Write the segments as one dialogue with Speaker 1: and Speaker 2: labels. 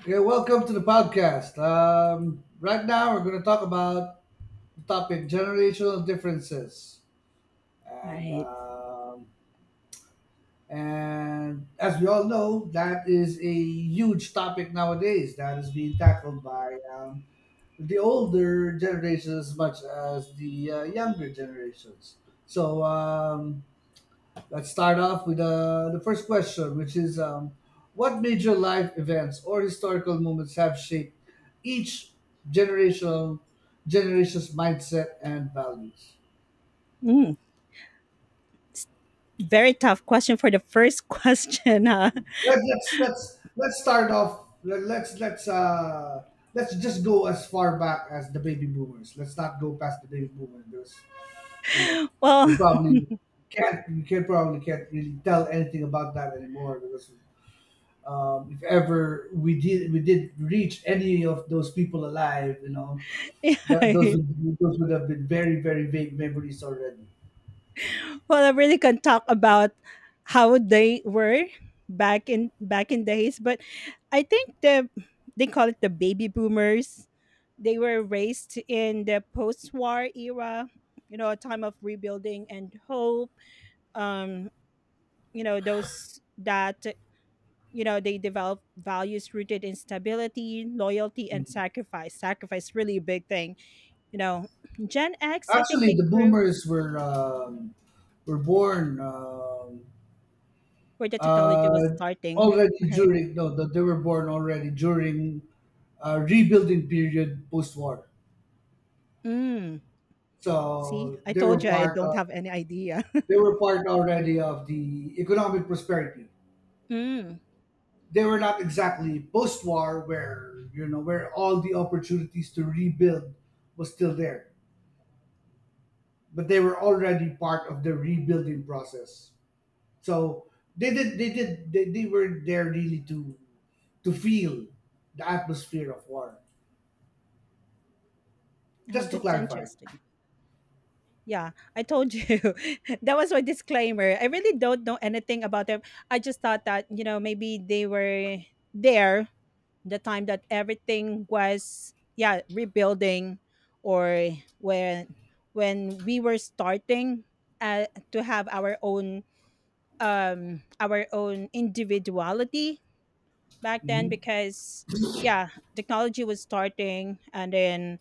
Speaker 1: Okay, welcome to the podcast. Right now, we're going to talk about the topic generational differences,
Speaker 2: All
Speaker 1: and
Speaker 2: right.
Speaker 1: um, and as we all know, that is a huge topic nowadays that is being tackled by the older generations as much as the younger generations. So, um, Let's start off with the first question, which is what major life events or historical moments have shaped each generational generation's mindset and values?
Speaker 2: Mm, Very tough question for the first question. Huh?
Speaker 1: Let's start off. Let's just go as far back as the baby boomers. Let's not go past the baby boomers because, you know, we
Speaker 2: Well,
Speaker 1: probably can't we can probably can't really tell anything about that anymore because if ever we did reach any of those people alive, you know,
Speaker 2: yeah,
Speaker 1: that
Speaker 2: right.
Speaker 1: those would have been very vague memories already.
Speaker 2: Well, I really can talk about how they were back in days, but I think they call it the baby boomers. They were raised in the post-war era, you know, a time of rebuilding and hope. Um, you know, those that you know They develop values rooted in stability, loyalty, and
Speaker 1: Mm.
Speaker 2: sacrifice. Sacrifice really a big thing. You know, Gen X, I think
Speaker 1: Actually,
Speaker 2: they
Speaker 1: the
Speaker 2: grew
Speaker 1: boomers were born
Speaker 2: where the technology was
Speaker 1: uh,
Speaker 2: starting,
Speaker 1: already
Speaker 2: right?
Speaker 1: during no, the, they were born already during rebuilding period post war.
Speaker 2: Mm. See,
Speaker 1: So
Speaker 2: I told you I don't have any idea.
Speaker 1: they were part already of the economic prosperity.
Speaker 2: Mm.
Speaker 1: They were not exactly post-war where, you know, where all the opportunities to rebuild was still there, but they were already part of the rebuilding process. So they were there really to feel the atmosphere of war,
Speaker 2: Oh,
Speaker 1: just to
Speaker 2: that's
Speaker 1: clarify.
Speaker 2: interesting. Yeah, I told you. That was my disclaimer. I really don't know anything about them. I just thought that, you know, maybe they were there the time that everything was, yeah, rebuilding, or when when we were starting uh, to have our own, our own individuality back then,
Speaker 1: Hmm.
Speaker 2: because yeah, technology was starting. And then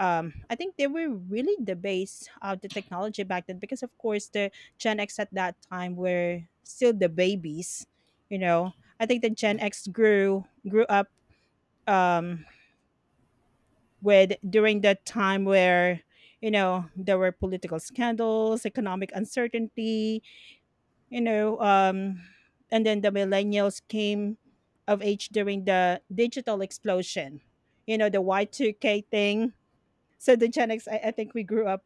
Speaker 2: I think they were really the base of the technology back then, because of course the Gen X at that time were still the babies, you know. I think the Gen X grew up, um with during that time where, you know, there were political scandals, economic uncertainty, you know. And then the millennials came of age during the digital explosion, you know, the Y2K thing. So the Gen X, I think we grew up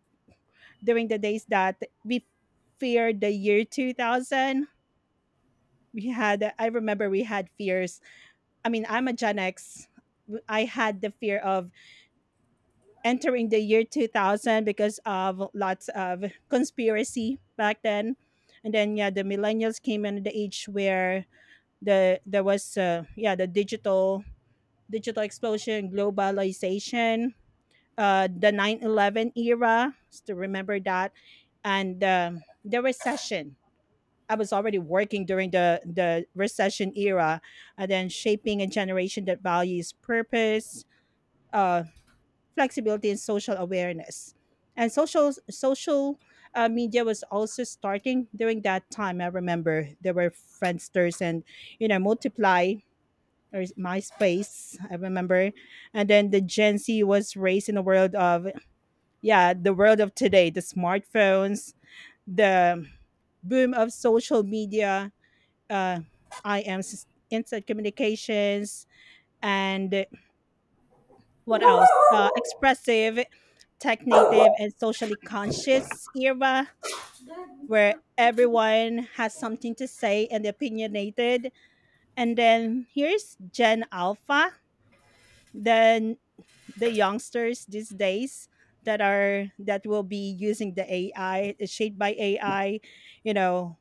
Speaker 2: during the days that we feared the year 2000. We had I remember we had fears. I mean, I'm a gen x. I am a general xi, had the fear of entering the year 2000 because of lots of conspiracy back then. And then yeah, the millennials came in the age where there was, yeah, the digital explosion, globalization, the 9/11 era, to remember that. And the recession. I was already working during the recession era. And then shaping a generation that values purpose, uh, flexibility, and social awareness. And social media was also starting during that time. I remember there were friendsters and, you know, multiply, or MySpace, I remember. And then the Gen Z was raised in the world of, today: the smartphones, the boom of social media, uh, IMs, instant communications, and what else? Expressive, tech native, and socially conscious era where everyone has something to say and opinionated. And then here's Gen Alpha, the the youngsters these days that will be using the AI, is shaped by AI. You know,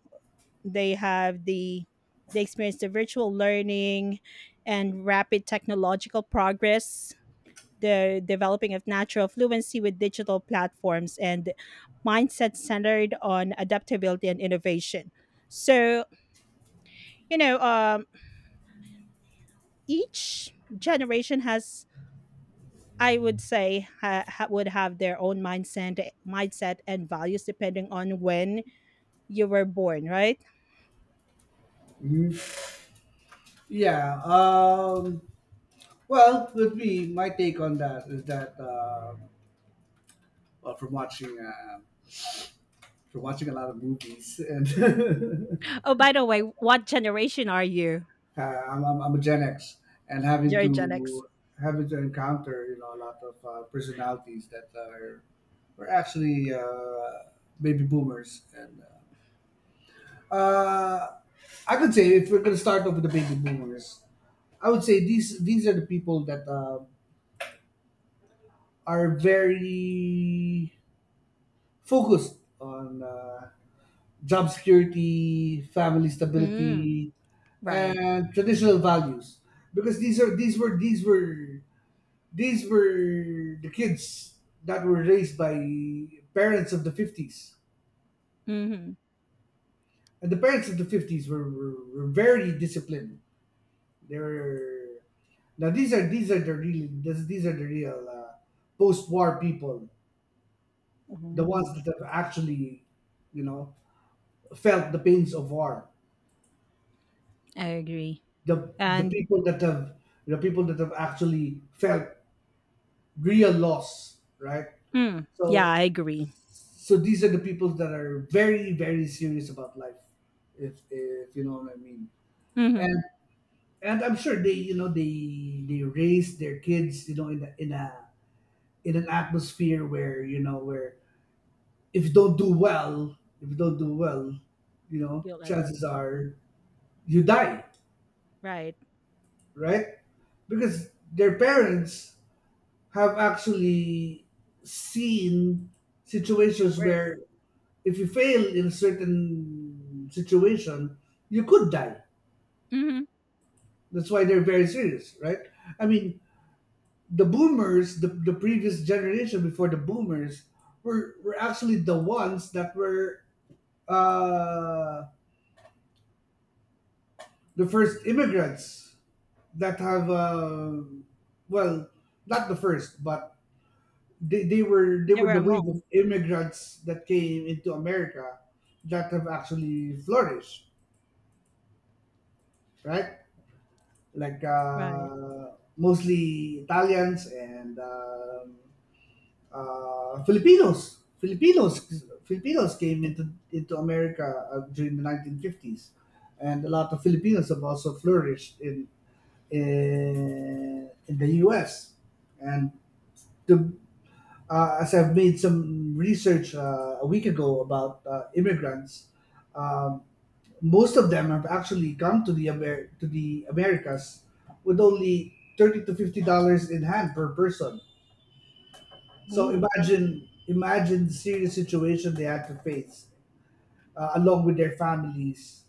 Speaker 2: they have the they experience the virtual learning and rapid technological progress, the developing of natural fluency with digital platforms and mindset centered on adaptability and innovation. So, you know, each generation has, I would say, would have their own mindset and values depending on when you were born, right?
Speaker 1: Hmm. Yeah. Well, with me, my take on that is that well, from watching uh, from watching a lot of movies and
Speaker 2: Oh, by the way, what generation are you?
Speaker 1: I'm a Gen X, and
Speaker 2: You're Gen X.
Speaker 1: having to encounter, you know, a lot of personalities that are were actually baby boomers, and uh, uh, I could say if we're gonna start off with the baby boomers, I would say these are the people that are very focused on job security, family
Speaker 2: Mm,
Speaker 1: stability,
Speaker 2: right.
Speaker 1: and traditional values, because these were the kids that were raised by parents of the 50s.
Speaker 2: Mm-hmm.
Speaker 1: And the parents of the 50s were very disciplined. They were now these are the real post-war people, the ones
Speaker 2: Mm,
Speaker 1: that have actually, you know, felt the pains of war.
Speaker 2: I agree.
Speaker 1: The the
Speaker 2: And
Speaker 1: people that have the people that have actually felt real loss, right?
Speaker 2: yeah,
Speaker 1: So
Speaker 2: I agree.
Speaker 1: so these are the people that are very serious about life, if you know what I mean.
Speaker 2: Mm-hmm.
Speaker 1: And I'm sure they, you know, they raise their kids, you know, in a in an atmosphere where, you know, where if you don't do well, you know,
Speaker 2: You'll end up
Speaker 1: chances
Speaker 2: nothing.
Speaker 1: are you die,
Speaker 2: Right.
Speaker 1: right? Because their parents have actually seen
Speaker 2: The
Speaker 1: situations
Speaker 2: worst.
Speaker 1: where if you fail in a certain situation, you could die.
Speaker 2: Mm-hmm.
Speaker 1: That's why they're very serious, right? I mean, the boomers, the previous generation before the boomers, were actually the ones that were uh, the first immigrants that have, well, not the first, but they
Speaker 2: They
Speaker 1: were
Speaker 2: were
Speaker 1: the wave
Speaker 2: among,
Speaker 1: of immigrants that came into America that have actually flourished, right? Like
Speaker 2: right?
Speaker 1: mostly Italians and Filipinos. Filipinos came into America during the 1950s, and a lot of Filipinos have also flourished in in the U.S. And to, as I've made some research a week ago about immigrants. Um, Most of them have actually come to the to the Americas with only $30 to $50 in hand per person. So
Speaker 2: Ooh.
Speaker 1: imagine the serious situation they had to face along with their families.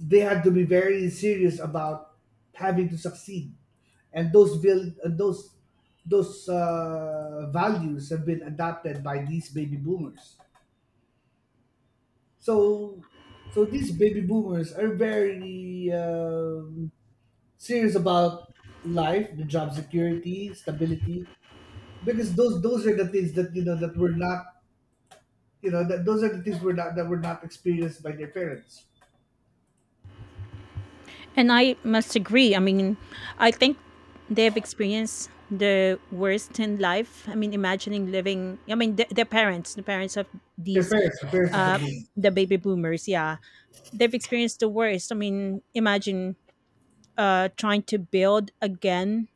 Speaker 1: They had to be very serious about having to succeed, and those vil- and those values have been adopted by these baby boomers. So these baby boomers are very serious about life, the job security, stability, because those are the things that, you know, that those are the things we're not that were not experienced by their parents.
Speaker 2: And I must agree. I mean, I think they've experienced the worst in life. I mean, imagining living, I mean, the parents of
Speaker 1: Their
Speaker 2: these,
Speaker 1: parents, the parents of the
Speaker 2: uh,
Speaker 1: boomers.
Speaker 2: the baby boomers, yeah, they've experienced the worst. I mean, imagine trying to build again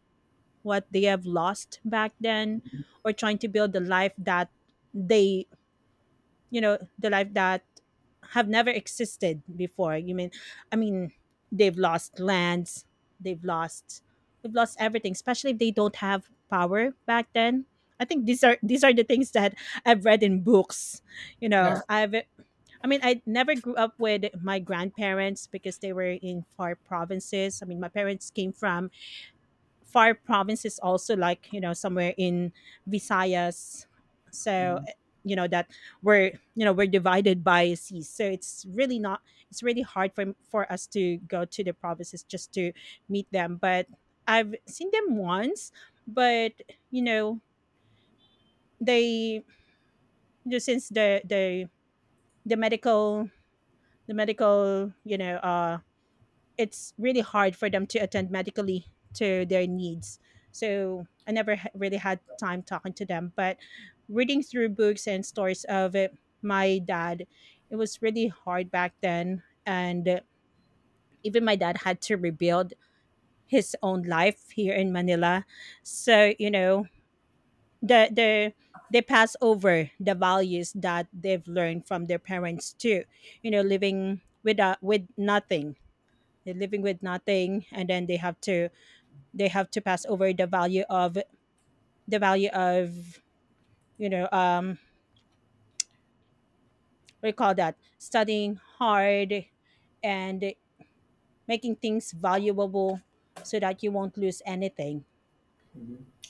Speaker 2: what they have lost back then, or trying to build the life that they you know the life that have never existed before, you mean. I mean, they've lost lands. They've lost they've lost everything, especially if they don't have power back then. I think these are the things that I've read in books. You
Speaker 1: Yeah.
Speaker 2: know, I mean, I never grew up with my grandparents because they were in far provinces. I mean, my parents came from far provinces also, like, you know, somewhere in Visayas. So, you know that we're you know we're divided by seas, so it's really not, it's really hard for us to go to the provinces just to meet them. But I've seen them once. But you know, they you know, since the the the medical the medical, it's really hard for them to attend medically to their needs. So I never really had time talking to them, but reading through books and stories of my dad, it was really hard back then. And even my dad had to rebuild his own life here in Manila. So, you know, the, the, they pass over the values that they've learned from their parents too. You know, living with nothing. They're living with nothing, and then they have to pass over the value of, the value of you know, what do you call that, studying hard and making things valuable so that you won't lose anything.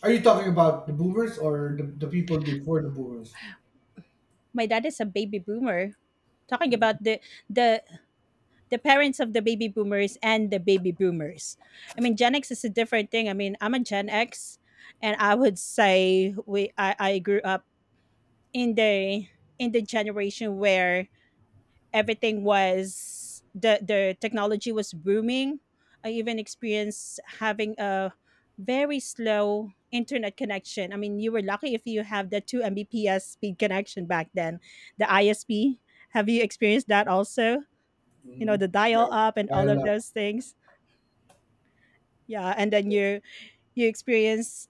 Speaker 1: Are you talking about the boomers or the people before the boomers?
Speaker 2: My dad is a baby boomer. Talking about the the parents of the baby boomers and the baby boomers. I mean, Gen X is a different thing. I mean, I'm a Gen X, and I would say, I grew up in the generation where everything was the technology was booming. I even experienced having a very slow internet connection. I mean, you were lucky if you have the 2 Mbps speed connection back then. The ISP, have you experienced that also? You
Speaker 1: Hmm.
Speaker 2: know, the dial
Speaker 1: Yeah,
Speaker 2: up and
Speaker 1: by
Speaker 2: all
Speaker 1: a
Speaker 2: of
Speaker 1: lot.
Speaker 2: those things. Yeah, and then you experience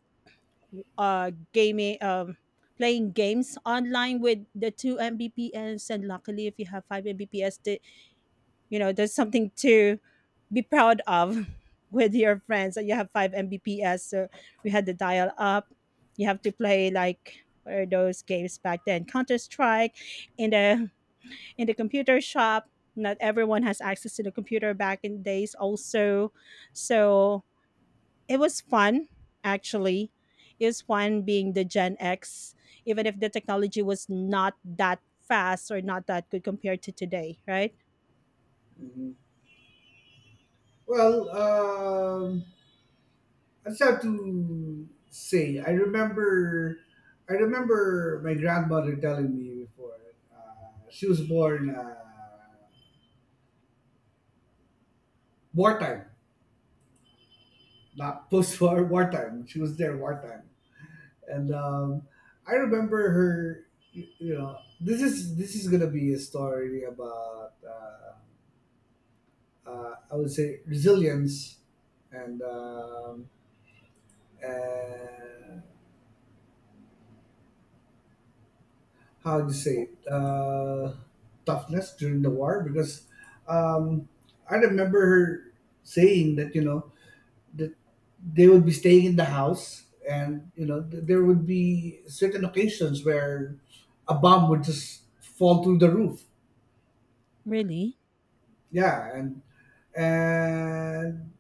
Speaker 2: gaming, playing games online with the 2 Mbps, and luckily if you have 5 Mbps, the you know, there's something to be proud of with your friends that you have 5 Mbps. So we had the dial up. You have to play, like, what are those games back then? Counter Strike in the computer shop. Not everyone has access to the computer back in days also. So it was fun actually. It was fun being the Gen X, even if the technology was not that fast or not that good compared to today, right?
Speaker 1: Mhm. Well, I just have to say, I remember my grandmother telling me before. She was born. Wartime, not post war, wartime. She was there wartime, and I remember her. You know, this is gonna be a story about I would say resilience and um, and how do you say it? Toughness during the war because, um, I remember her saying that, you know, that they would be staying in the house, and you know there would be certain occasions where a bomb would just fall through the roof,
Speaker 2: Really?
Speaker 1: yeah. And and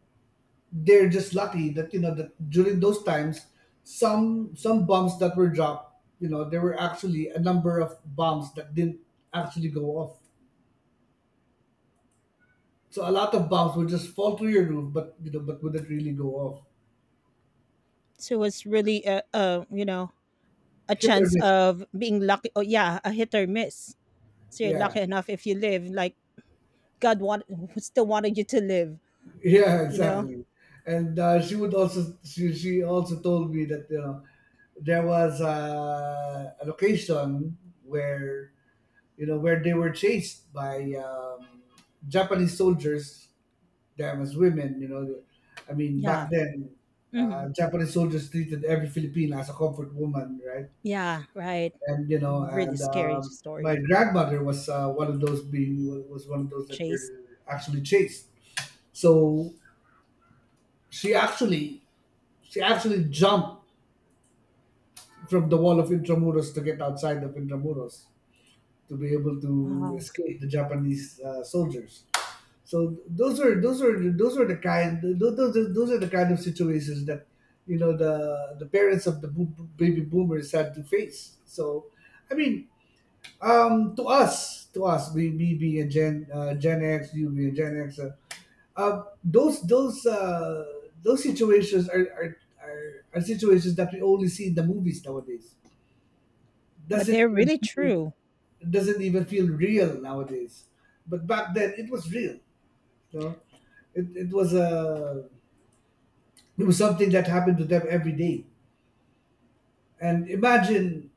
Speaker 1: they're just lucky that, you know, that during those times some bombs that were dropped, you know, there were actually a number of bombs that didn't actually go off. So a lot of bombs would just fall through your roof but, you know, but wouldn't really go off.
Speaker 2: So it's really a you know, a
Speaker 1: Hit or
Speaker 2: chance
Speaker 1: miss.
Speaker 2: of being lucky. Oh yeah, a hit or miss. So you're
Speaker 1: Yeah.
Speaker 2: lucky enough if you live. Like God want, still wanted you to live.
Speaker 1: Yeah,
Speaker 2: You know.
Speaker 1: exactly. And she would also she also told me that, you know, there was a location where, you know, where they were chased by Japanese soldiers, them as women. You know, I mean
Speaker 2: Yeah.
Speaker 1: back then
Speaker 2: Hmm.
Speaker 1: Japanese soldiers treated every Filipina as a comfort woman, right?
Speaker 2: Yeah. Right.
Speaker 1: And you know,
Speaker 2: Really
Speaker 1: and
Speaker 2: scary
Speaker 1: my
Speaker 2: story.
Speaker 1: grandmother was one of those being was one of those that
Speaker 2: Chase.
Speaker 1: were actually chased. So she actually she actually jumped from the wall of Intramuros to get outside of Intramuros to be able to
Speaker 2: Wow.
Speaker 1: escape the Japanese soldiers. So those are the kind those are the kind of situations that, you know, the parents of the baby boomers had to face. So I mean, to us, we, me being a Gen X, you being Gen X, those those situations are, are are situations that we only see in the movies nowadays.
Speaker 2: But
Speaker 1: Doesn't
Speaker 2: they're
Speaker 1: even
Speaker 2: really
Speaker 1: feel,
Speaker 2: true.
Speaker 1: doesn't even feel real nowadays. But back then it was real. You know, it was a it was something that happened to them every day. And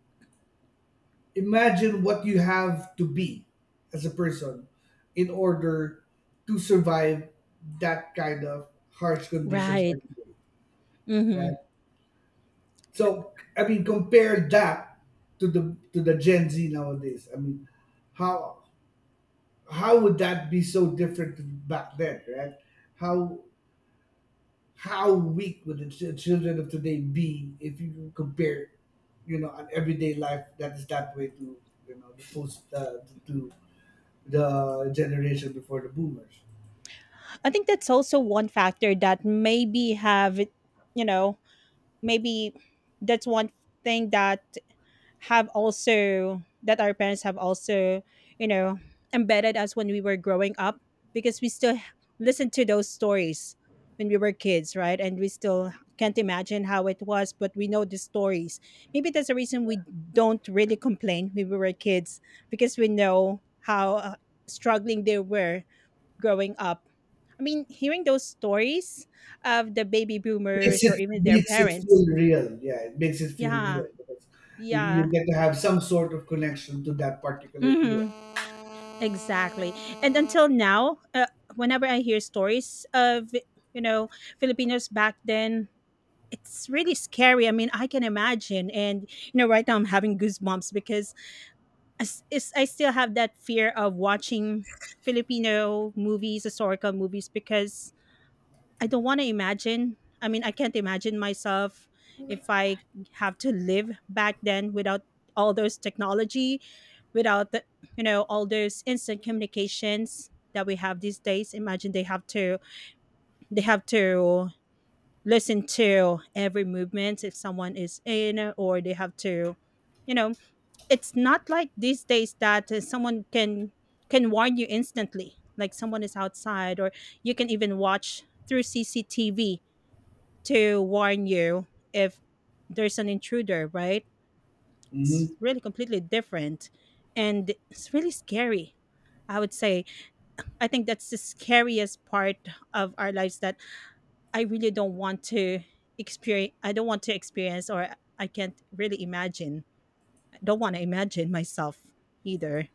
Speaker 1: imagine what you have to be as a person in order to survive that kind of harsh conditions
Speaker 2: Right.
Speaker 1: every day,
Speaker 2: Mm-hmm.
Speaker 1: right? So I mean, compare that to the Gen Z nowadays. I mean, how how would that be so different to back then, right? How how weak would the children of today be if you compare, you know, an everyday life that is that way to, you know, the post to the generation before the boomers?
Speaker 2: I think that's also one factor that maybe you know, maybe that's one thing that have also that our parents have also, you know, embedded us when we were growing up, because we still listen to those stories when we were kids, right? And we still can't imagine how it was, but we know the stories. Maybe that's the reason we don't really complain when we were kids, because we know how struggling they were growing up. I mean, hearing those stories of the baby
Speaker 1: Makes
Speaker 2: boomers or
Speaker 1: it
Speaker 2: even their parents.
Speaker 1: feel real. Yeah, it makes it feel
Speaker 2: Yeah,
Speaker 1: real because you
Speaker 2: yeah,
Speaker 1: get to have some sort of connection to that particular era.
Speaker 2: hmm, exactly. And until now, whenever I hear stories of, you know, Filipinos back then, it's really scary. I mean, I can imagine, and you know, right now I'm having goosebumps because I still have that fear of watching Filipino movies, historical movies, because I don't want to imagine. I mean, I can't imagine myself if I have to live back then without all those technology, without the, you know, all those instant communications that we have these days. Imagine they have to, they have to listen to every movement if someone is in, or they have to, you know, it's not like these days that someone can warn you instantly, like someone is outside, or you can even watch through CCTV to warn you if there's an intruder, right?
Speaker 1: Mm-hmm.
Speaker 2: It's really completely different, and it's really scary. I would say I think that's the scariest part of our lives that I really don't want to experience. Or I can't really imagine. I don't want to imagine myself either.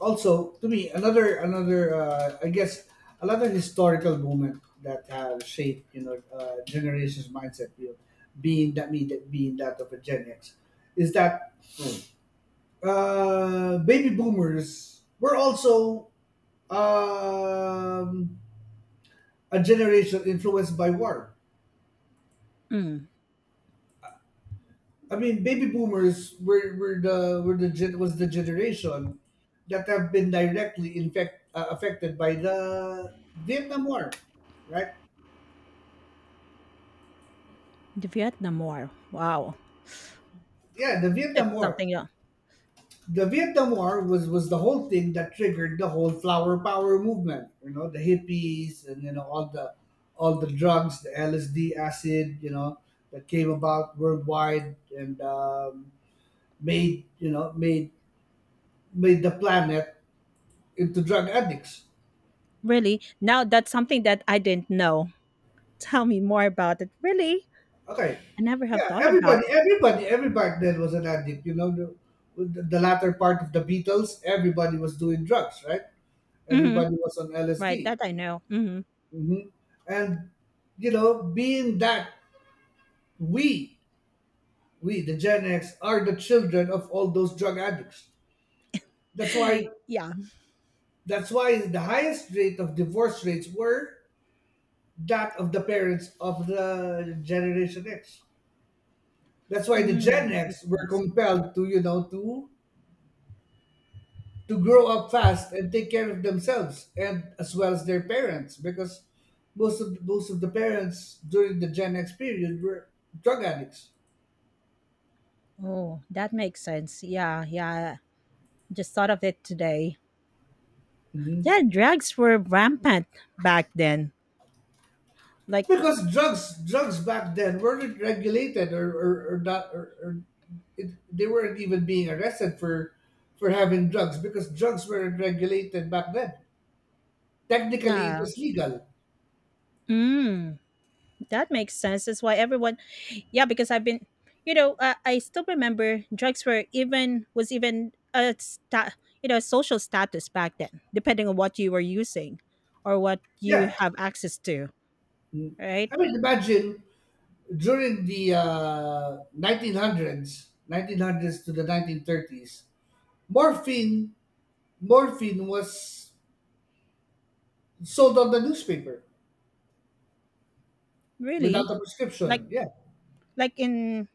Speaker 1: Also to me, another I guess another historical moment that have shaped, you know, generations mindset, you know, being that me, that being that of a Gen X, is that, Mm, baby boomers were also um, a generation influenced by war.
Speaker 2: Mm,
Speaker 1: I mean, baby boomers were the was the generation that have been directly affected by the Vietnam War, right?
Speaker 2: the Vietnam War. Wow,
Speaker 1: Yeah, the
Speaker 2: that's
Speaker 1: Vietnam War.
Speaker 2: something else.
Speaker 1: The Vietnam War was the whole thing that triggered the whole flower power movement. You know, the hippies and you know all the drugs, the LSD, acid, you know, that came about worldwide and made you know made made the planet into drug addicts.
Speaker 2: Really? Now that's something that I didn't know. Tell me more about it. Really?
Speaker 1: Okay.
Speaker 2: I never have
Speaker 1: Yeah,
Speaker 2: thought about it.
Speaker 1: everybody back then was an addict. You know, with the latter part of the Beatles, everybody was doing drugs, right?
Speaker 2: Hmm.
Speaker 1: Everybody was on
Speaker 2: Right,
Speaker 1: LSD.
Speaker 2: that I know. Hmm.
Speaker 1: Hmm. And, you know, being that we, we, the Gen X, are the children of all those drug addicts. That's why,
Speaker 2: Yeah.
Speaker 1: that's why the highest rate of divorce rates were that of the parents of the Generation X. That's why the Gen
Speaker 2: Mm.
Speaker 1: X were
Speaker 2: Makes sense.
Speaker 1: compelled to, you know, to grow up fast and take care of themselves and as well as their parents, because most of the parents during the Gen X period were drug addicts.
Speaker 2: Oh, that makes sense. Yeah, yeah. Just thought of it today.
Speaker 1: Hmm.
Speaker 2: Yeah, drugs were rampant back then. Like,
Speaker 1: Because drugs back then weren't regulated or not or, or they weren't even being arrested for having drugs, because drugs weren't regulated back then. Technically it
Speaker 2: yeah.
Speaker 1: was legal.
Speaker 2: Mm, that makes sense. That's why everyone, yeah, because I've been, you know, I still remember drugs were even, was even a, you know, social status back then, depending on what you were using or what you
Speaker 1: Yeah,
Speaker 2: have access to, right?
Speaker 1: I mean imagine during the 1900s, 1900s to the 1930s, morphine morphine was sold on the newspaper without
Speaker 2: Really?
Speaker 1: a
Speaker 2: Like
Speaker 1: prescription. Yeah.
Speaker 2: like in,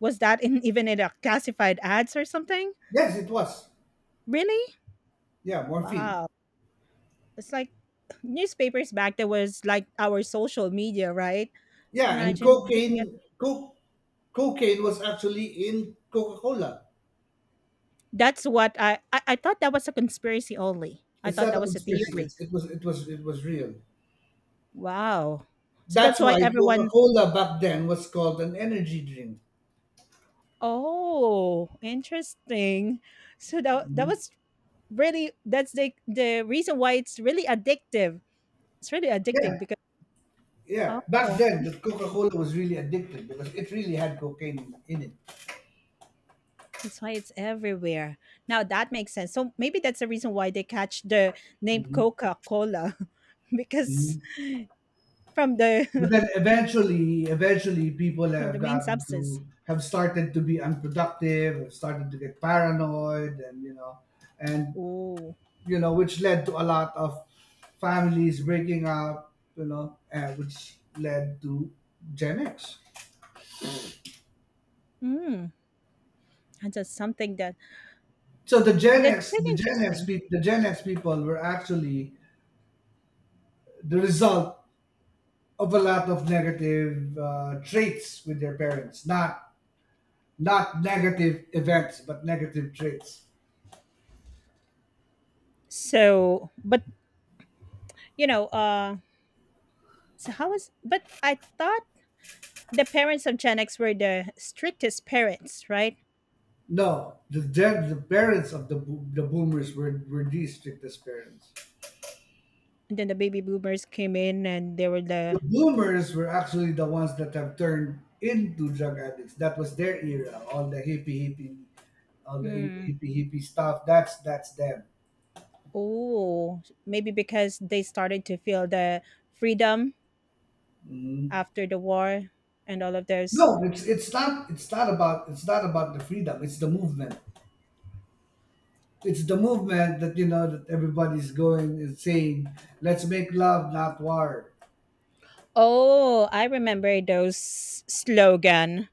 Speaker 2: was that in even in a classified ads or something?
Speaker 1: Yes, it was.
Speaker 2: Really?
Speaker 1: Yeah, morphine.
Speaker 2: Wow. It's like newspapers back there was like our social media, right? So
Speaker 1: Yeah, and
Speaker 2: imagine looking at,
Speaker 1: cocaine was actually in Coca-Cola.
Speaker 2: that's what I thought that was a conspiracy only. I
Speaker 1: It's
Speaker 2: thought
Speaker 1: not a
Speaker 2: that was a
Speaker 1: conspiracy.
Speaker 2: theory.
Speaker 1: It's, it was real.
Speaker 2: Wow. So
Speaker 1: That's
Speaker 2: that's why
Speaker 1: why
Speaker 2: everyone.
Speaker 1: Coca-Cola back then was called an energy drink.
Speaker 2: Oh, interesting. So that was really that's the reason why it's really addictive. It's really
Speaker 1: Yeah.
Speaker 2: addicting because
Speaker 1: Yeah, back
Speaker 2: oh,
Speaker 1: then the
Speaker 2: interesting.
Speaker 1: Coca-Cola was really addictive because it really had cocaine in it.
Speaker 2: That's why it's everywhere. Now that makes sense. So maybe that's the reason why they catch the name
Speaker 1: hmm
Speaker 2: Coca-Cola because from the
Speaker 1: But then eventually people
Speaker 2: from
Speaker 1: have
Speaker 2: the main
Speaker 1: gotten
Speaker 2: substance.
Speaker 1: to have started to be unproductive, have started to get paranoid, and and
Speaker 2: Oh,
Speaker 1: which led to a lot of families breaking up, you know, and which led to Gen X.
Speaker 2: mm, that's just something that
Speaker 1: So
Speaker 2: that's really
Speaker 1: The Gen X
Speaker 2: interesting.
Speaker 1: people, the Gen X people were actually the result of a lot of negative traits with their parents. Not negative events, but negative traits.
Speaker 2: So, but you know, uh, so how is? But I thought the parents of Gen X were the strictest parents, right?
Speaker 1: No, the boomers were the strictest parents.
Speaker 2: And then the baby boomers came in and they were the
Speaker 1: The boomers were actually the ones that have turned into drug addicts. That was their era. All the hippie hippie, all the hi-
Speaker 2: mm,
Speaker 1: hippie hippie stuff. That's them.
Speaker 2: oh, maybe because they started to feel the freedom
Speaker 1: Mhm.
Speaker 2: after the war and all of those.
Speaker 1: No, it's not about the freedom. It's the movement. It's the movement that, you know, that everybody's going and saying, "Let's make love, not war."
Speaker 2: Oh, I remember those slogan.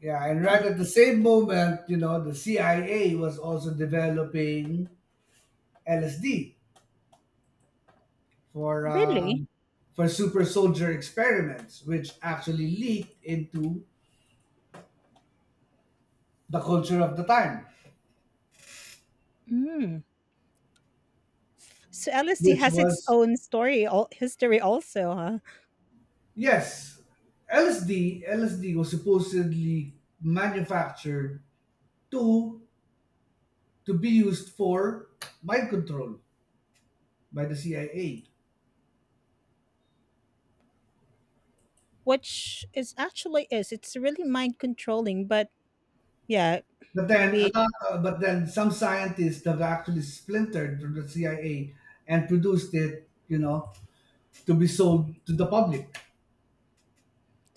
Speaker 1: Yeah, and right at the same moment, you know, the CIA was also developing LSD for
Speaker 2: Really?
Speaker 1: um, for super soldier experiments, which actually leaked into the culture of the time,
Speaker 2: Mm. So LSD
Speaker 1: which
Speaker 2: has its
Speaker 1: was,
Speaker 2: own story, all history also, huh?
Speaker 1: yes, LSD. LSD was supposedly manufactured to be used for mind control by the CIA.
Speaker 2: Which is actually is. It's really mind controlling, but yeah,
Speaker 1: But then
Speaker 2: maybe
Speaker 1: some scientists have actually splintered from the CIA and produced it, you know, to be sold to the public.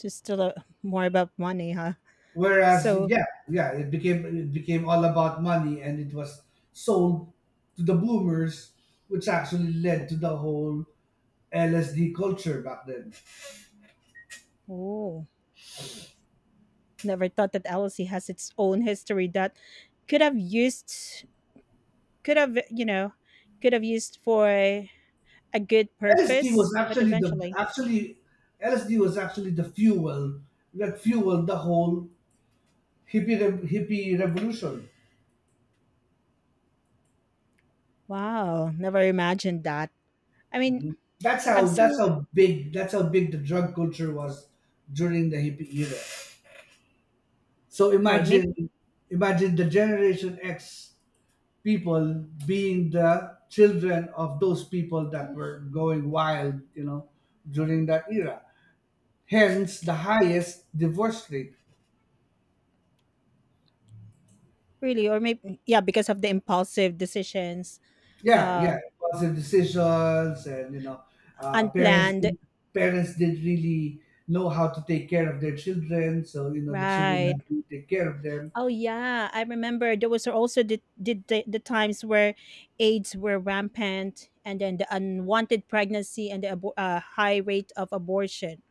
Speaker 2: it's still a, more about money, huh?
Speaker 1: Whereas,
Speaker 2: So,
Speaker 1: yeah, yeah, it became all about money, and it was sold to the boomers, which actually led to the whole LSD culture back then.
Speaker 2: oh, never thought that LSD has its own history that could have used, could have, you know, could have used for a good
Speaker 1: LSD was
Speaker 2: purpose, but
Speaker 1: actually the
Speaker 2: eventually.
Speaker 1: actually LSD was actually the fuel that fueled the whole hippie revolution.
Speaker 2: Wow, never imagined that. I mean,
Speaker 1: Mhm. That's how
Speaker 2: I've
Speaker 1: that's
Speaker 2: seen
Speaker 1: how big that's how big the drug culture was during the hippie era. So
Speaker 2: right, maybe
Speaker 1: imagine the Generation X people being the children of those people that were going wild, you know, during that era. Hence the highest divorce rate.
Speaker 2: really, or maybe yeah, because of the impulsive decisions,
Speaker 1: Yeah, yeah,
Speaker 2: uh,
Speaker 1: impulsive decisions, and parents
Speaker 2: unplanned,
Speaker 1: didn't really know how to take care of their children, so you know the children
Speaker 2: right?
Speaker 1: had to take care of them.
Speaker 2: Oh yeah, I remember there was also the times where AIDS were rampant, and then the unwanted pregnancy and the high rate of abortion.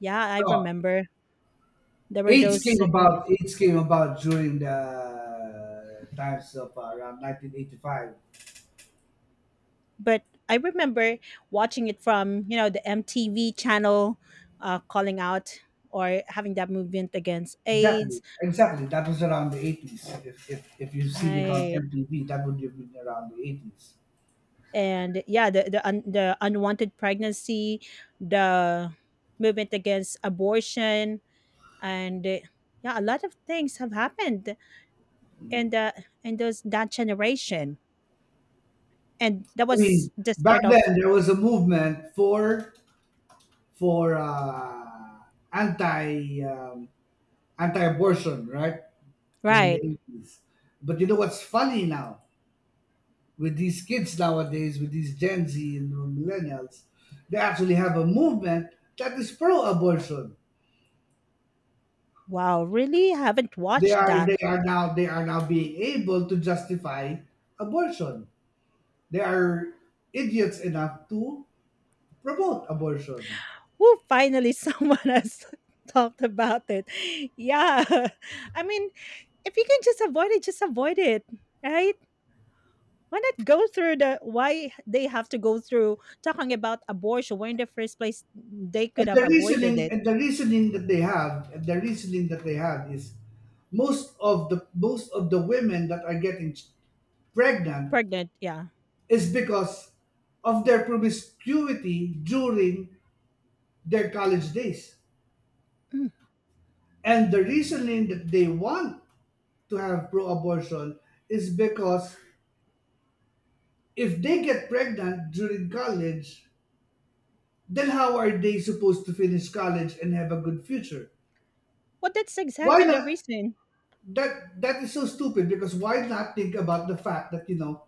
Speaker 2: Yeah, I
Speaker 1: No,
Speaker 2: remember there were those moments.
Speaker 1: AIDS came about during the times of around 1985.
Speaker 2: But I remember watching it from you know the MTV channel, calling out or having that movement against AIDS,
Speaker 1: Exactly, exactly. That was around the 80s. If you've seen it on
Speaker 2: right?
Speaker 1: MTV, that would have been around the 80s.
Speaker 2: And yeah, the unwanted pregnancy, the movement against abortion, and yeah, a lot of things have happened in the in those that generation, and that
Speaker 1: I mean,
Speaker 2: was the
Speaker 1: back
Speaker 2: start of
Speaker 1: then there was a movement for for uh, anti um, anti-abortion, right? During the
Speaker 2: right.
Speaker 1: 80s. But you know what's funny now? With these kids nowadays, with these Gen Z and millennials, they actually have a movement that is pro-abortion.
Speaker 2: Wow, really haven't
Speaker 1: They
Speaker 2: watched
Speaker 1: are they
Speaker 2: that.
Speaker 1: are now they are now being able to justify abortion. They are idiots enough to promote abortion.
Speaker 2: Woo, finally someone has talked about it. Yeah. I mean, if you can just avoid it, right? Why not go through the why they have to go through talking about abortion when in the first place they could have avoided it?
Speaker 1: And the reasoning that they have and the reasoning that they have is most of the women that are getting pregnant
Speaker 2: Pregnant, yeah.
Speaker 1: is because of their promiscuity during their college days.
Speaker 2: Mm.
Speaker 1: And the reasoning that they want to have pro abortion is because if they get pregnant during college, then how are they supposed to finish college and have a good future?
Speaker 2: Well, that's
Speaker 1: Why
Speaker 2: exactly the
Speaker 1: not?
Speaker 2: reason.
Speaker 1: That is so stupid because why not think about the fact that, you know,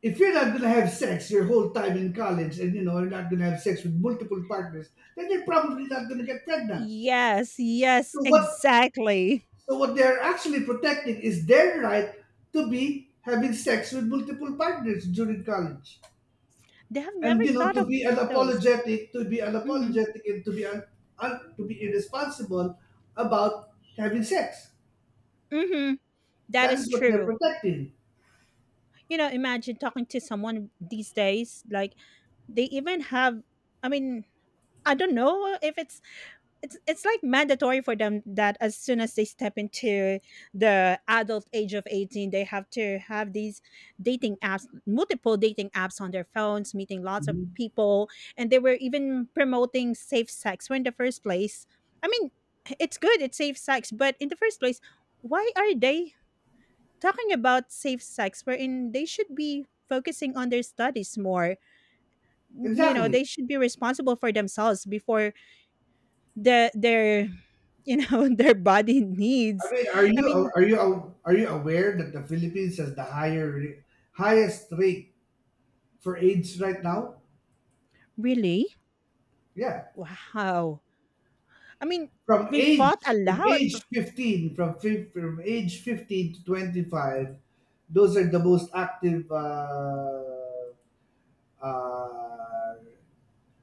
Speaker 1: if you're not gonna have sex your whole time in college and you know you're not gonna have sex with multiple partners, then you're probably not gonna get pregnant.
Speaker 2: Yes, yes,
Speaker 1: So what
Speaker 2: exactly.
Speaker 1: So what they're actually protecting is their right to be having sex with multiple partners during college.
Speaker 2: They have
Speaker 1: And
Speaker 2: never
Speaker 1: you know,
Speaker 2: thought of those.
Speaker 1: to be
Speaker 2: Mm-hmm.
Speaker 1: unapologetic and to be irresponsible about having sex.
Speaker 2: Mm-hmm. That
Speaker 1: That
Speaker 2: is
Speaker 1: is what they're
Speaker 2: true.
Speaker 1: protecting.
Speaker 2: You know, imagine talking to someone these days, like, they even have I mean, I don't know if it's like mandatory for them that as soon as they step into the adult age of 18, they have to have these dating apps, multiple dating apps on their phones, meeting lots of
Speaker 1: Mhm.
Speaker 2: people. And they were even promoting safe sex when in the first place, I mean, it's good it's safe sex, but in the first place, why are they talking about safe sex wherein they should be focusing on their studies more? You know,
Speaker 1: Exactly.
Speaker 2: they should be responsible for themselves before the their, you know, their body
Speaker 1: I
Speaker 2: needs.
Speaker 1: mean,
Speaker 2: I mean,
Speaker 1: are you are you aware that the Philippines has the higher highest rate for AIDS right now?
Speaker 2: really.
Speaker 1: Yeah.
Speaker 2: Wow, I mean,
Speaker 1: from
Speaker 2: we
Speaker 1: age
Speaker 2: fought a
Speaker 1: from
Speaker 2: lot.
Speaker 1: age 15 from fif- From age 15 to 25, those are the most active uh,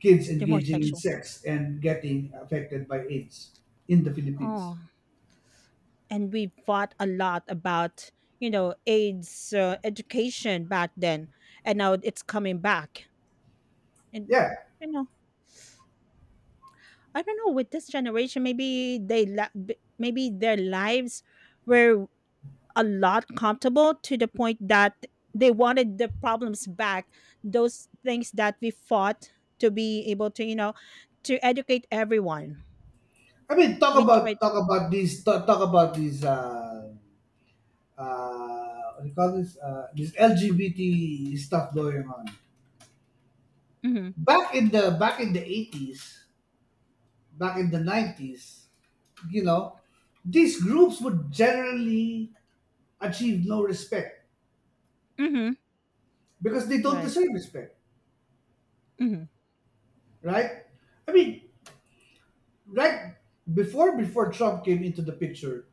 Speaker 1: kids
Speaker 2: They're more
Speaker 1: engaging in
Speaker 2: sexual.
Speaker 1: sex and getting affected by AIDS in the Philippines.
Speaker 2: Oh, and we fought a lot about you know AIDS education back then, and now it's coming back, and
Speaker 1: Yeah,
Speaker 2: you know, I don't know with this generation, maybe maybe their lives were a lot comfortable to the point that they wanted the problems back, those things that we fought to be able to you know to educate everyone.
Speaker 1: I mean,
Speaker 2: We tried.
Speaker 1: talk about these what do you call this, this LGBT stuff going on
Speaker 2: Mm-hmm.
Speaker 1: back in the 80s, back in the 90s, you know, these groups would generally achieve no respect
Speaker 2: Mm-hmm.
Speaker 1: because they don't
Speaker 2: Right.
Speaker 1: deserve respect,
Speaker 2: Mm-hmm.
Speaker 1: right? I mean, right before Trump came into the picture,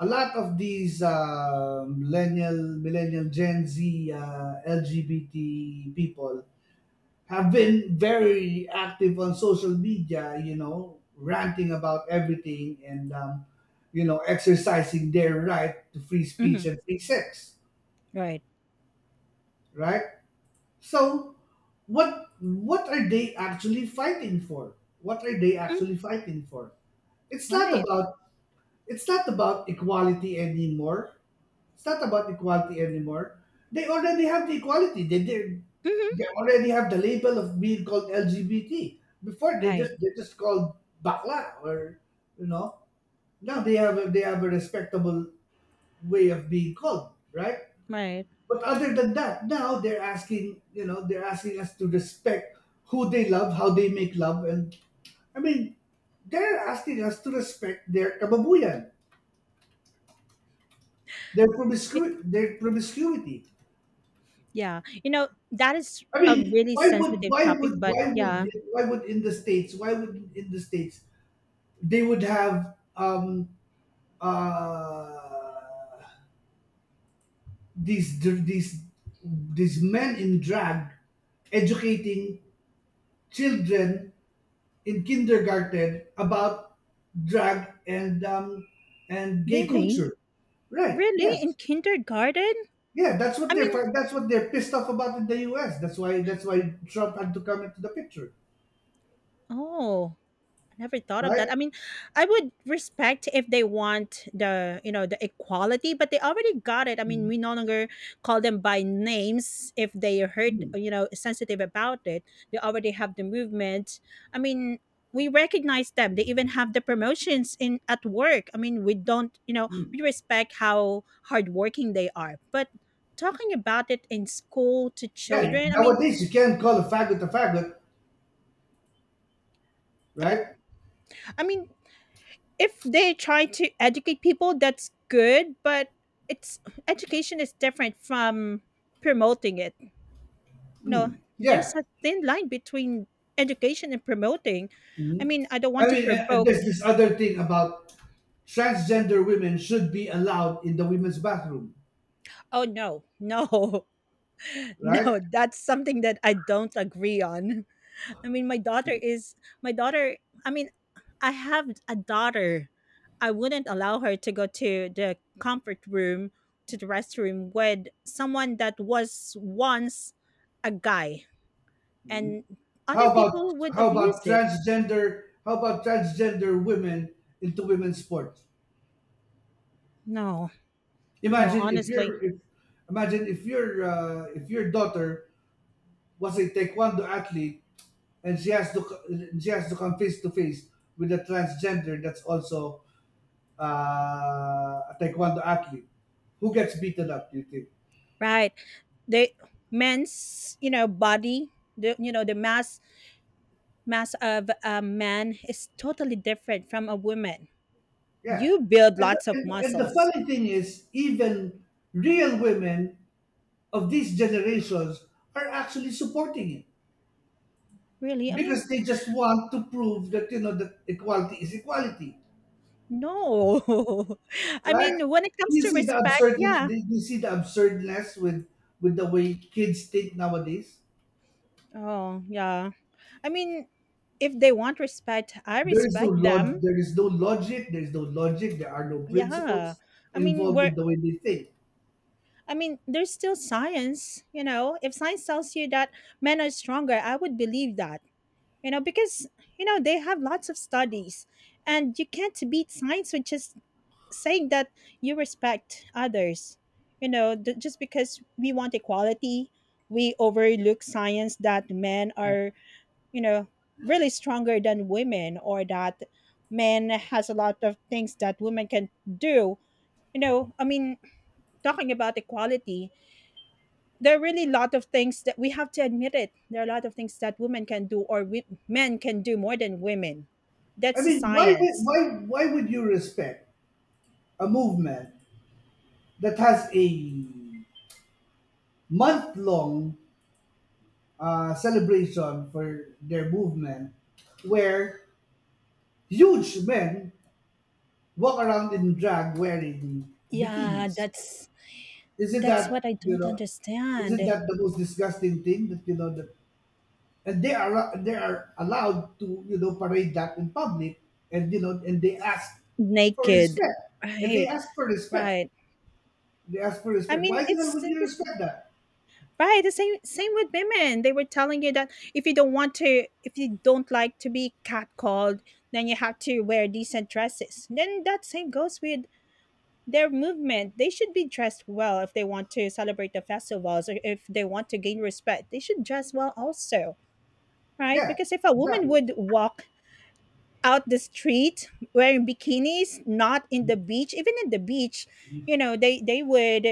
Speaker 1: a lot of these millennial Gen Z, LGBT people have been very active on social media, you know, ranting about everything and, you know, exercising their right to free
Speaker 2: Mm-hmm.
Speaker 1: speech and free sex,
Speaker 2: Right.
Speaker 1: right? So, what are they actually fighting for? What are they
Speaker 2: Mm.
Speaker 1: actually fighting for? It's not
Speaker 2: Right.
Speaker 1: about it's not about equality anymore. It's not about equality anymore. They already have the equality. They did. They
Speaker 2: Mm-hmm.
Speaker 1: already have the label of being called LGBT. Before
Speaker 2: Right.
Speaker 1: they just called bakla or you know. Now they have they have a respectable way of being called, right?
Speaker 2: Right.
Speaker 1: But other than that, now they're asking, you know, they're asking us to respect who they love, how they make love, and, I mean, they're asking us to respect their kababuyan, their
Speaker 2: It-
Speaker 1: promiscuity, their promiscuity.
Speaker 2: yeah, you know, that is
Speaker 1: I
Speaker 2: a
Speaker 1: mean,
Speaker 2: really
Speaker 1: why would
Speaker 2: sensitive
Speaker 1: why
Speaker 2: topic,
Speaker 1: would
Speaker 2: but
Speaker 1: why would
Speaker 2: yeah.
Speaker 1: why would in the states why would in the states they would have uh these these men in drag educating children in kindergarten about drag and gay
Speaker 2: Really.
Speaker 1: culture, right? Yes.
Speaker 2: Really in kindergarten.
Speaker 1: Yeah,
Speaker 2: I mean,
Speaker 1: that's what they're pissed off about in the US. That's why Trump had to come into the picture,
Speaker 2: oh, never thought of that.
Speaker 1: right.
Speaker 2: I mean, I would respect if they want the you know the equality, but they already got it. I mean, we no longer call them by names if they hurt you know sensitive about it. They already have the movement. I mean, we recognize them. They even have the promotions in at work. I mean, we don't you know we respect how hardworking they are, but talking about it in school to
Speaker 1: Yeah,
Speaker 2: children.
Speaker 1: nowadays you can't call a faggot,
Speaker 2: I mean,
Speaker 1: right?
Speaker 2: I mean, if they try to educate people, that's good, but it's education is different from promoting it. No,
Speaker 1: Yeah.
Speaker 2: there's a thin line between education and promoting. I mean, I don't
Speaker 1: I
Speaker 2: want to
Speaker 1: mean,
Speaker 2: provoke.
Speaker 1: there's this other thing about transgender women should be allowed in the women's bathroom,
Speaker 2: Oh no, no,
Speaker 1: right?
Speaker 2: no. That's something that I don't agree on. I mean, my daughter. I mean, I have a daughter. I wouldn't allow her to go to the comfort room, to the restroom with someone that was once a guy. And other
Speaker 1: How about
Speaker 2: people would
Speaker 1: how
Speaker 2: abuse
Speaker 1: about
Speaker 2: it.
Speaker 1: transgender how about transgender women into women's sports?
Speaker 2: No, no,
Speaker 1: Imagine if
Speaker 2: honestly.
Speaker 1: your if imagine if your daughter was a taekwondo athlete and she has to come face to face with a transgender that's also a taekwondo athlete who gets beaten up, do you think?
Speaker 2: Right. The men's, you know, body, the you know, the mass mass of a man is totally different from a woman.
Speaker 1: Yeah.
Speaker 2: You build
Speaker 1: And
Speaker 2: lots of
Speaker 1: and, the
Speaker 2: muscles.
Speaker 1: funny thing is, even real women of these generations are actually supporting it
Speaker 2: Really? I
Speaker 1: because
Speaker 2: mean,
Speaker 1: they just want to prove that, you know, that equality is equality,
Speaker 2: no. I
Speaker 1: right?
Speaker 2: mean, when it comes to respect, yeah.
Speaker 1: You see the absurdness with the way kids think nowadays.
Speaker 2: Oh, yeah. I mean, if they want respect, I respect them.
Speaker 1: There is no logic, there is no logic. There are no
Speaker 2: Yeah.
Speaker 1: principles
Speaker 2: I mean,
Speaker 1: involved
Speaker 2: we're
Speaker 1: in the way they think.
Speaker 2: I mean, there's still science, you know. If science tells you that men are stronger, I would believe that. You know, because you know, they have lots of studies, and you can't beat science with just saying that you respect others. You know, just because we want equality, we overlook science that men are, you know, really stronger than women, or that men has a lot of things that women can do. You know, I mean, talking about equality, there are really a lot of things that we have to admit it. There are a lot of things that women can do, or we, men can do more than women.
Speaker 1: I
Speaker 2: That's the
Speaker 1: mean,
Speaker 2: science.
Speaker 1: why would you respect a movement that has a month long celebration for their movement, where huge men walk around in drag wearing
Speaker 2: Yeah,
Speaker 1: bikinis? Is it
Speaker 2: that's
Speaker 1: that
Speaker 2: what I
Speaker 1: you
Speaker 2: don't
Speaker 1: know? Is
Speaker 2: understand.
Speaker 1: it that the most disgusting thing that you know that? And they are allowed to, you know, parade that in public, and you know, and they ask for
Speaker 2: Naked.
Speaker 1: respect, and they
Speaker 2: Right.
Speaker 1: ask for respect.
Speaker 2: Right.
Speaker 1: They ask for
Speaker 2: I
Speaker 1: respect. Why
Speaker 2: mean,
Speaker 1: the hell would you
Speaker 2: this
Speaker 1: respect that?
Speaker 2: right. The same with women. They were telling you that if you don't want to, if you don't like to be catcalled, then you have to wear decent dresses. Then that same goes with their movement. They should be dressed well if they want to celebrate the festivals or if they want to gain respect. They should dress well also, right?
Speaker 1: Yeah,
Speaker 2: Because if a woman
Speaker 1: exactly.
Speaker 2: would walk out the street wearing bikinis, not in the beach, even in the beach, you know, they would.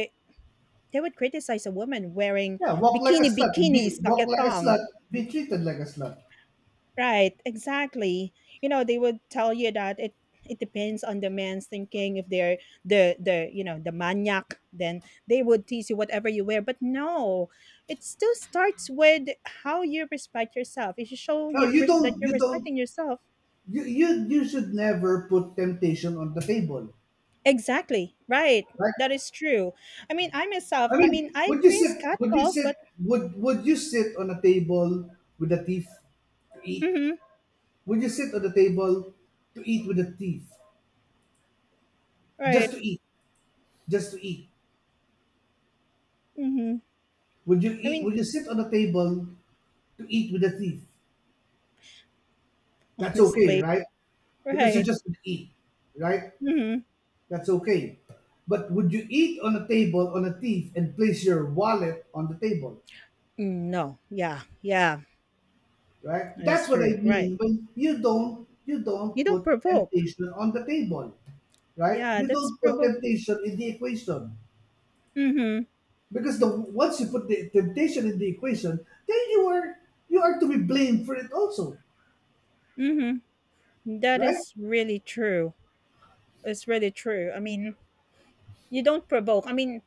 Speaker 2: They would criticize a woman wearing
Speaker 1: Yeah, walk like a
Speaker 2: bikini
Speaker 1: slut. Be
Speaker 2: bikinis, like
Speaker 1: walk
Speaker 2: a
Speaker 1: like a
Speaker 2: thong.
Speaker 1: slut. Be treated like a slut.
Speaker 2: Right, exactly. You know, they would tell you that it depends on the man's thinking. If they're the you know the maniac, then they would tease you whatever you wear. But no, it still starts with how you respect yourself. If you show
Speaker 1: No, you
Speaker 2: that
Speaker 1: don't.
Speaker 2: you're
Speaker 1: You don't.
Speaker 2: respecting yourself,
Speaker 1: You should never put temptation on the table,
Speaker 2: exactly right.
Speaker 1: right?
Speaker 2: That is true. I mean, I myself.
Speaker 1: I
Speaker 2: I mean,
Speaker 1: mean,
Speaker 2: I
Speaker 1: would you
Speaker 2: experienced
Speaker 1: sit? Would you
Speaker 2: catcall,
Speaker 1: sit?
Speaker 2: but
Speaker 1: Would you sit on a table with a thief to eat?
Speaker 2: mm-hmm,
Speaker 1: Would you sit on the table to eat with a thief? Just
Speaker 2: right.
Speaker 1: to eat. Just to eat.
Speaker 2: Mm-hmm. I mean,
Speaker 1: Would you sit on the table to eat with a thief? That's okay,
Speaker 2: honestly,
Speaker 1: right? Because you
Speaker 2: right.
Speaker 1: just would eat, right?
Speaker 2: Mhm.
Speaker 1: That's okay. But would you eat on a table on a thief and place your wallet on the table,
Speaker 2: Mm, no. Yeah. Yeah.
Speaker 1: right? That's
Speaker 2: That's
Speaker 1: what I
Speaker 2: true. Right.
Speaker 1: mean when you
Speaker 2: You
Speaker 1: don't
Speaker 2: don't
Speaker 1: put
Speaker 2: provoke.
Speaker 1: temptation on the table, right?
Speaker 2: Yeah,
Speaker 1: You
Speaker 2: that's
Speaker 1: don't put
Speaker 2: provoking.
Speaker 1: temptation in the equation
Speaker 2: Mhm.
Speaker 1: because the once you put the temptation in the equation, then you are to be blamed for it also,
Speaker 2: Mhm. That
Speaker 1: right?
Speaker 2: is really true. It's really true. I mean, you don't provoke. I mean,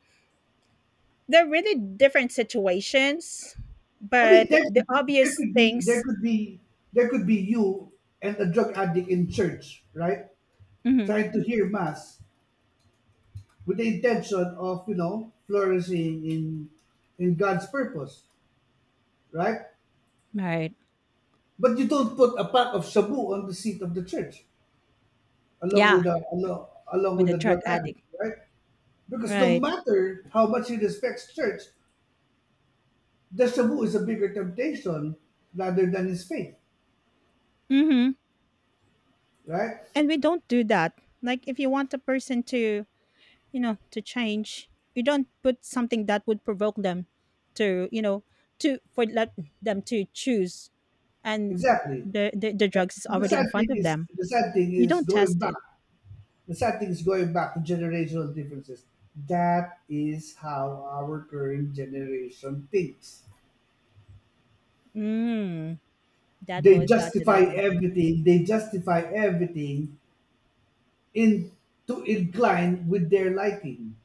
Speaker 2: they're really different situations,
Speaker 1: I mean,
Speaker 2: but
Speaker 1: there
Speaker 2: the
Speaker 1: could be there
Speaker 2: obvious
Speaker 1: could be there
Speaker 2: things.
Speaker 1: could be there could be you and a drug addict in church, right?
Speaker 2: Mhm.
Speaker 1: Trying to hear mass with the intention of, you know, flourishing in God's purpose, right?
Speaker 2: Right.
Speaker 1: But you don't put a pack of shabu on the seat of the church along
Speaker 2: Yeah,
Speaker 1: with along
Speaker 2: with
Speaker 1: with
Speaker 2: a
Speaker 1: the drug
Speaker 2: drug
Speaker 1: addict,
Speaker 2: addict.
Speaker 1: right? Because no
Speaker 2: Right.
Speaker 1: matter how much he respects church, the shabu is a bigger temptation rather than his faith,
Speaker 2: Mhm.
Speaker 1: right?
Speaker 2: And we don't do that. Like if you want a person to you know to change, you don't put something that would provoke them to you know to for let them to choose. And
Speaker 1: Exactly.
Speaker 2: the drugs is
Speaker 1: And
Speaker 2: already in front of them.
Speaker 1: the sad thing
Speaker 2: You
Speaker 1: is
Speaker 2: don't
Speaker 1: going
Speaker 2: test
Speaker 1: back.
Speaker 2: it.
Speaker 1: The sad thing is going back to generational differences. That is how our current generation thinks.
Speaker 2: Mm, that boils down to that one thing.
Speaker 1: They justify everything in to incline with their liking.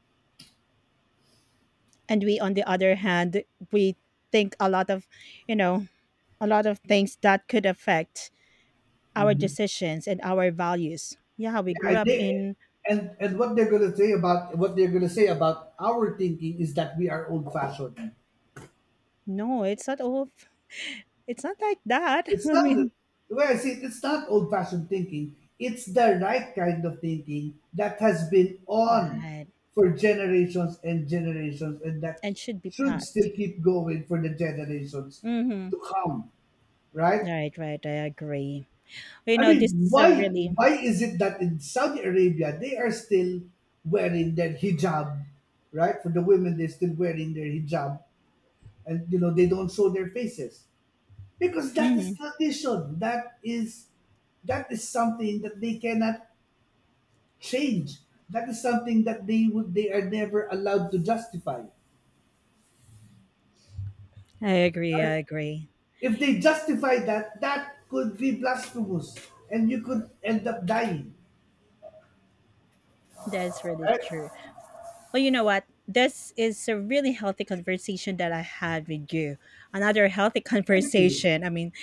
Speaker 2: And we on the other hand, we think a lot of you know a lot of things that could affect our
Speaker 1: Mhm.
Speaker 2: decisions and our values. Yeah, we
Speaker 1: Yeah,
Speaker 2: grew up in
Speaker 1: and what they're gonna say about our thinking is that we are old fashioned.
Speaker 2: no it's not all it's not like that.
Speaker 1: It's
Speaker 2: I
Speaker 1: not the
Speaker 2: mean,
Speaker 1: Well, see, it's not old fashioned thinking. It's the right kind of thinking that has been on
Speaker 2: right,
Speaker 1: for generations and generations and that
Speaker 2: and should be
Speaker 1: should still
Speaker 2: passed.
Speaker 1: keep going for the generations
Speaker 2: Mm-hmm.
Speaker 1: to come, right?
Speaker 2: Right, right. I agree. You
Speaker 1: I
Speaker 2: know, this
Speaker 1: mean,
Speaker 2: is a really.
Speaker 1: why is it that in Saudi Arabia they are still wearing their hijab, right? For the women, they're still wearing their hijab and you know they don't show their faces. Because that
Speaker 2: Hmm.
Speaker 1: is tradition. That is something that they cannot change. That is something that they are never allowed to justify,
Speaker 2: I agree.
Speaker 1: right?
Speaker 2: I agree.
Speaker 1: If they justify that, that could be blasphemous and you could end up dying.
Speaker 2: That's really true. Well, you know what? This is a really healthy conversation that I had with you. Another healthy
Speaker 1: Thank you.
Speaker 2: conversation. I mean,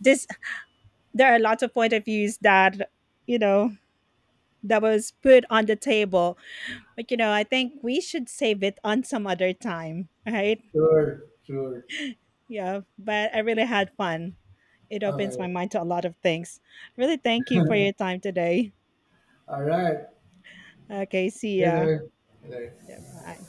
Speaker 2: this there are lots of point of views that you know that was put on the table, but you know, I think we should save it on some other time, right?
Speaker 1: Sure, sure.
Speaker 2: Yeah, but I really had fun. It opens my
Speaker 1: Okay.
Speaker 2: mind to a lot of things. Really, thank you for your time today.
Speaker 1: All right.
Speaker 2: Okay, see ya.
Speaker 1: Later. Later.
Speaker 2: Yeah, bye.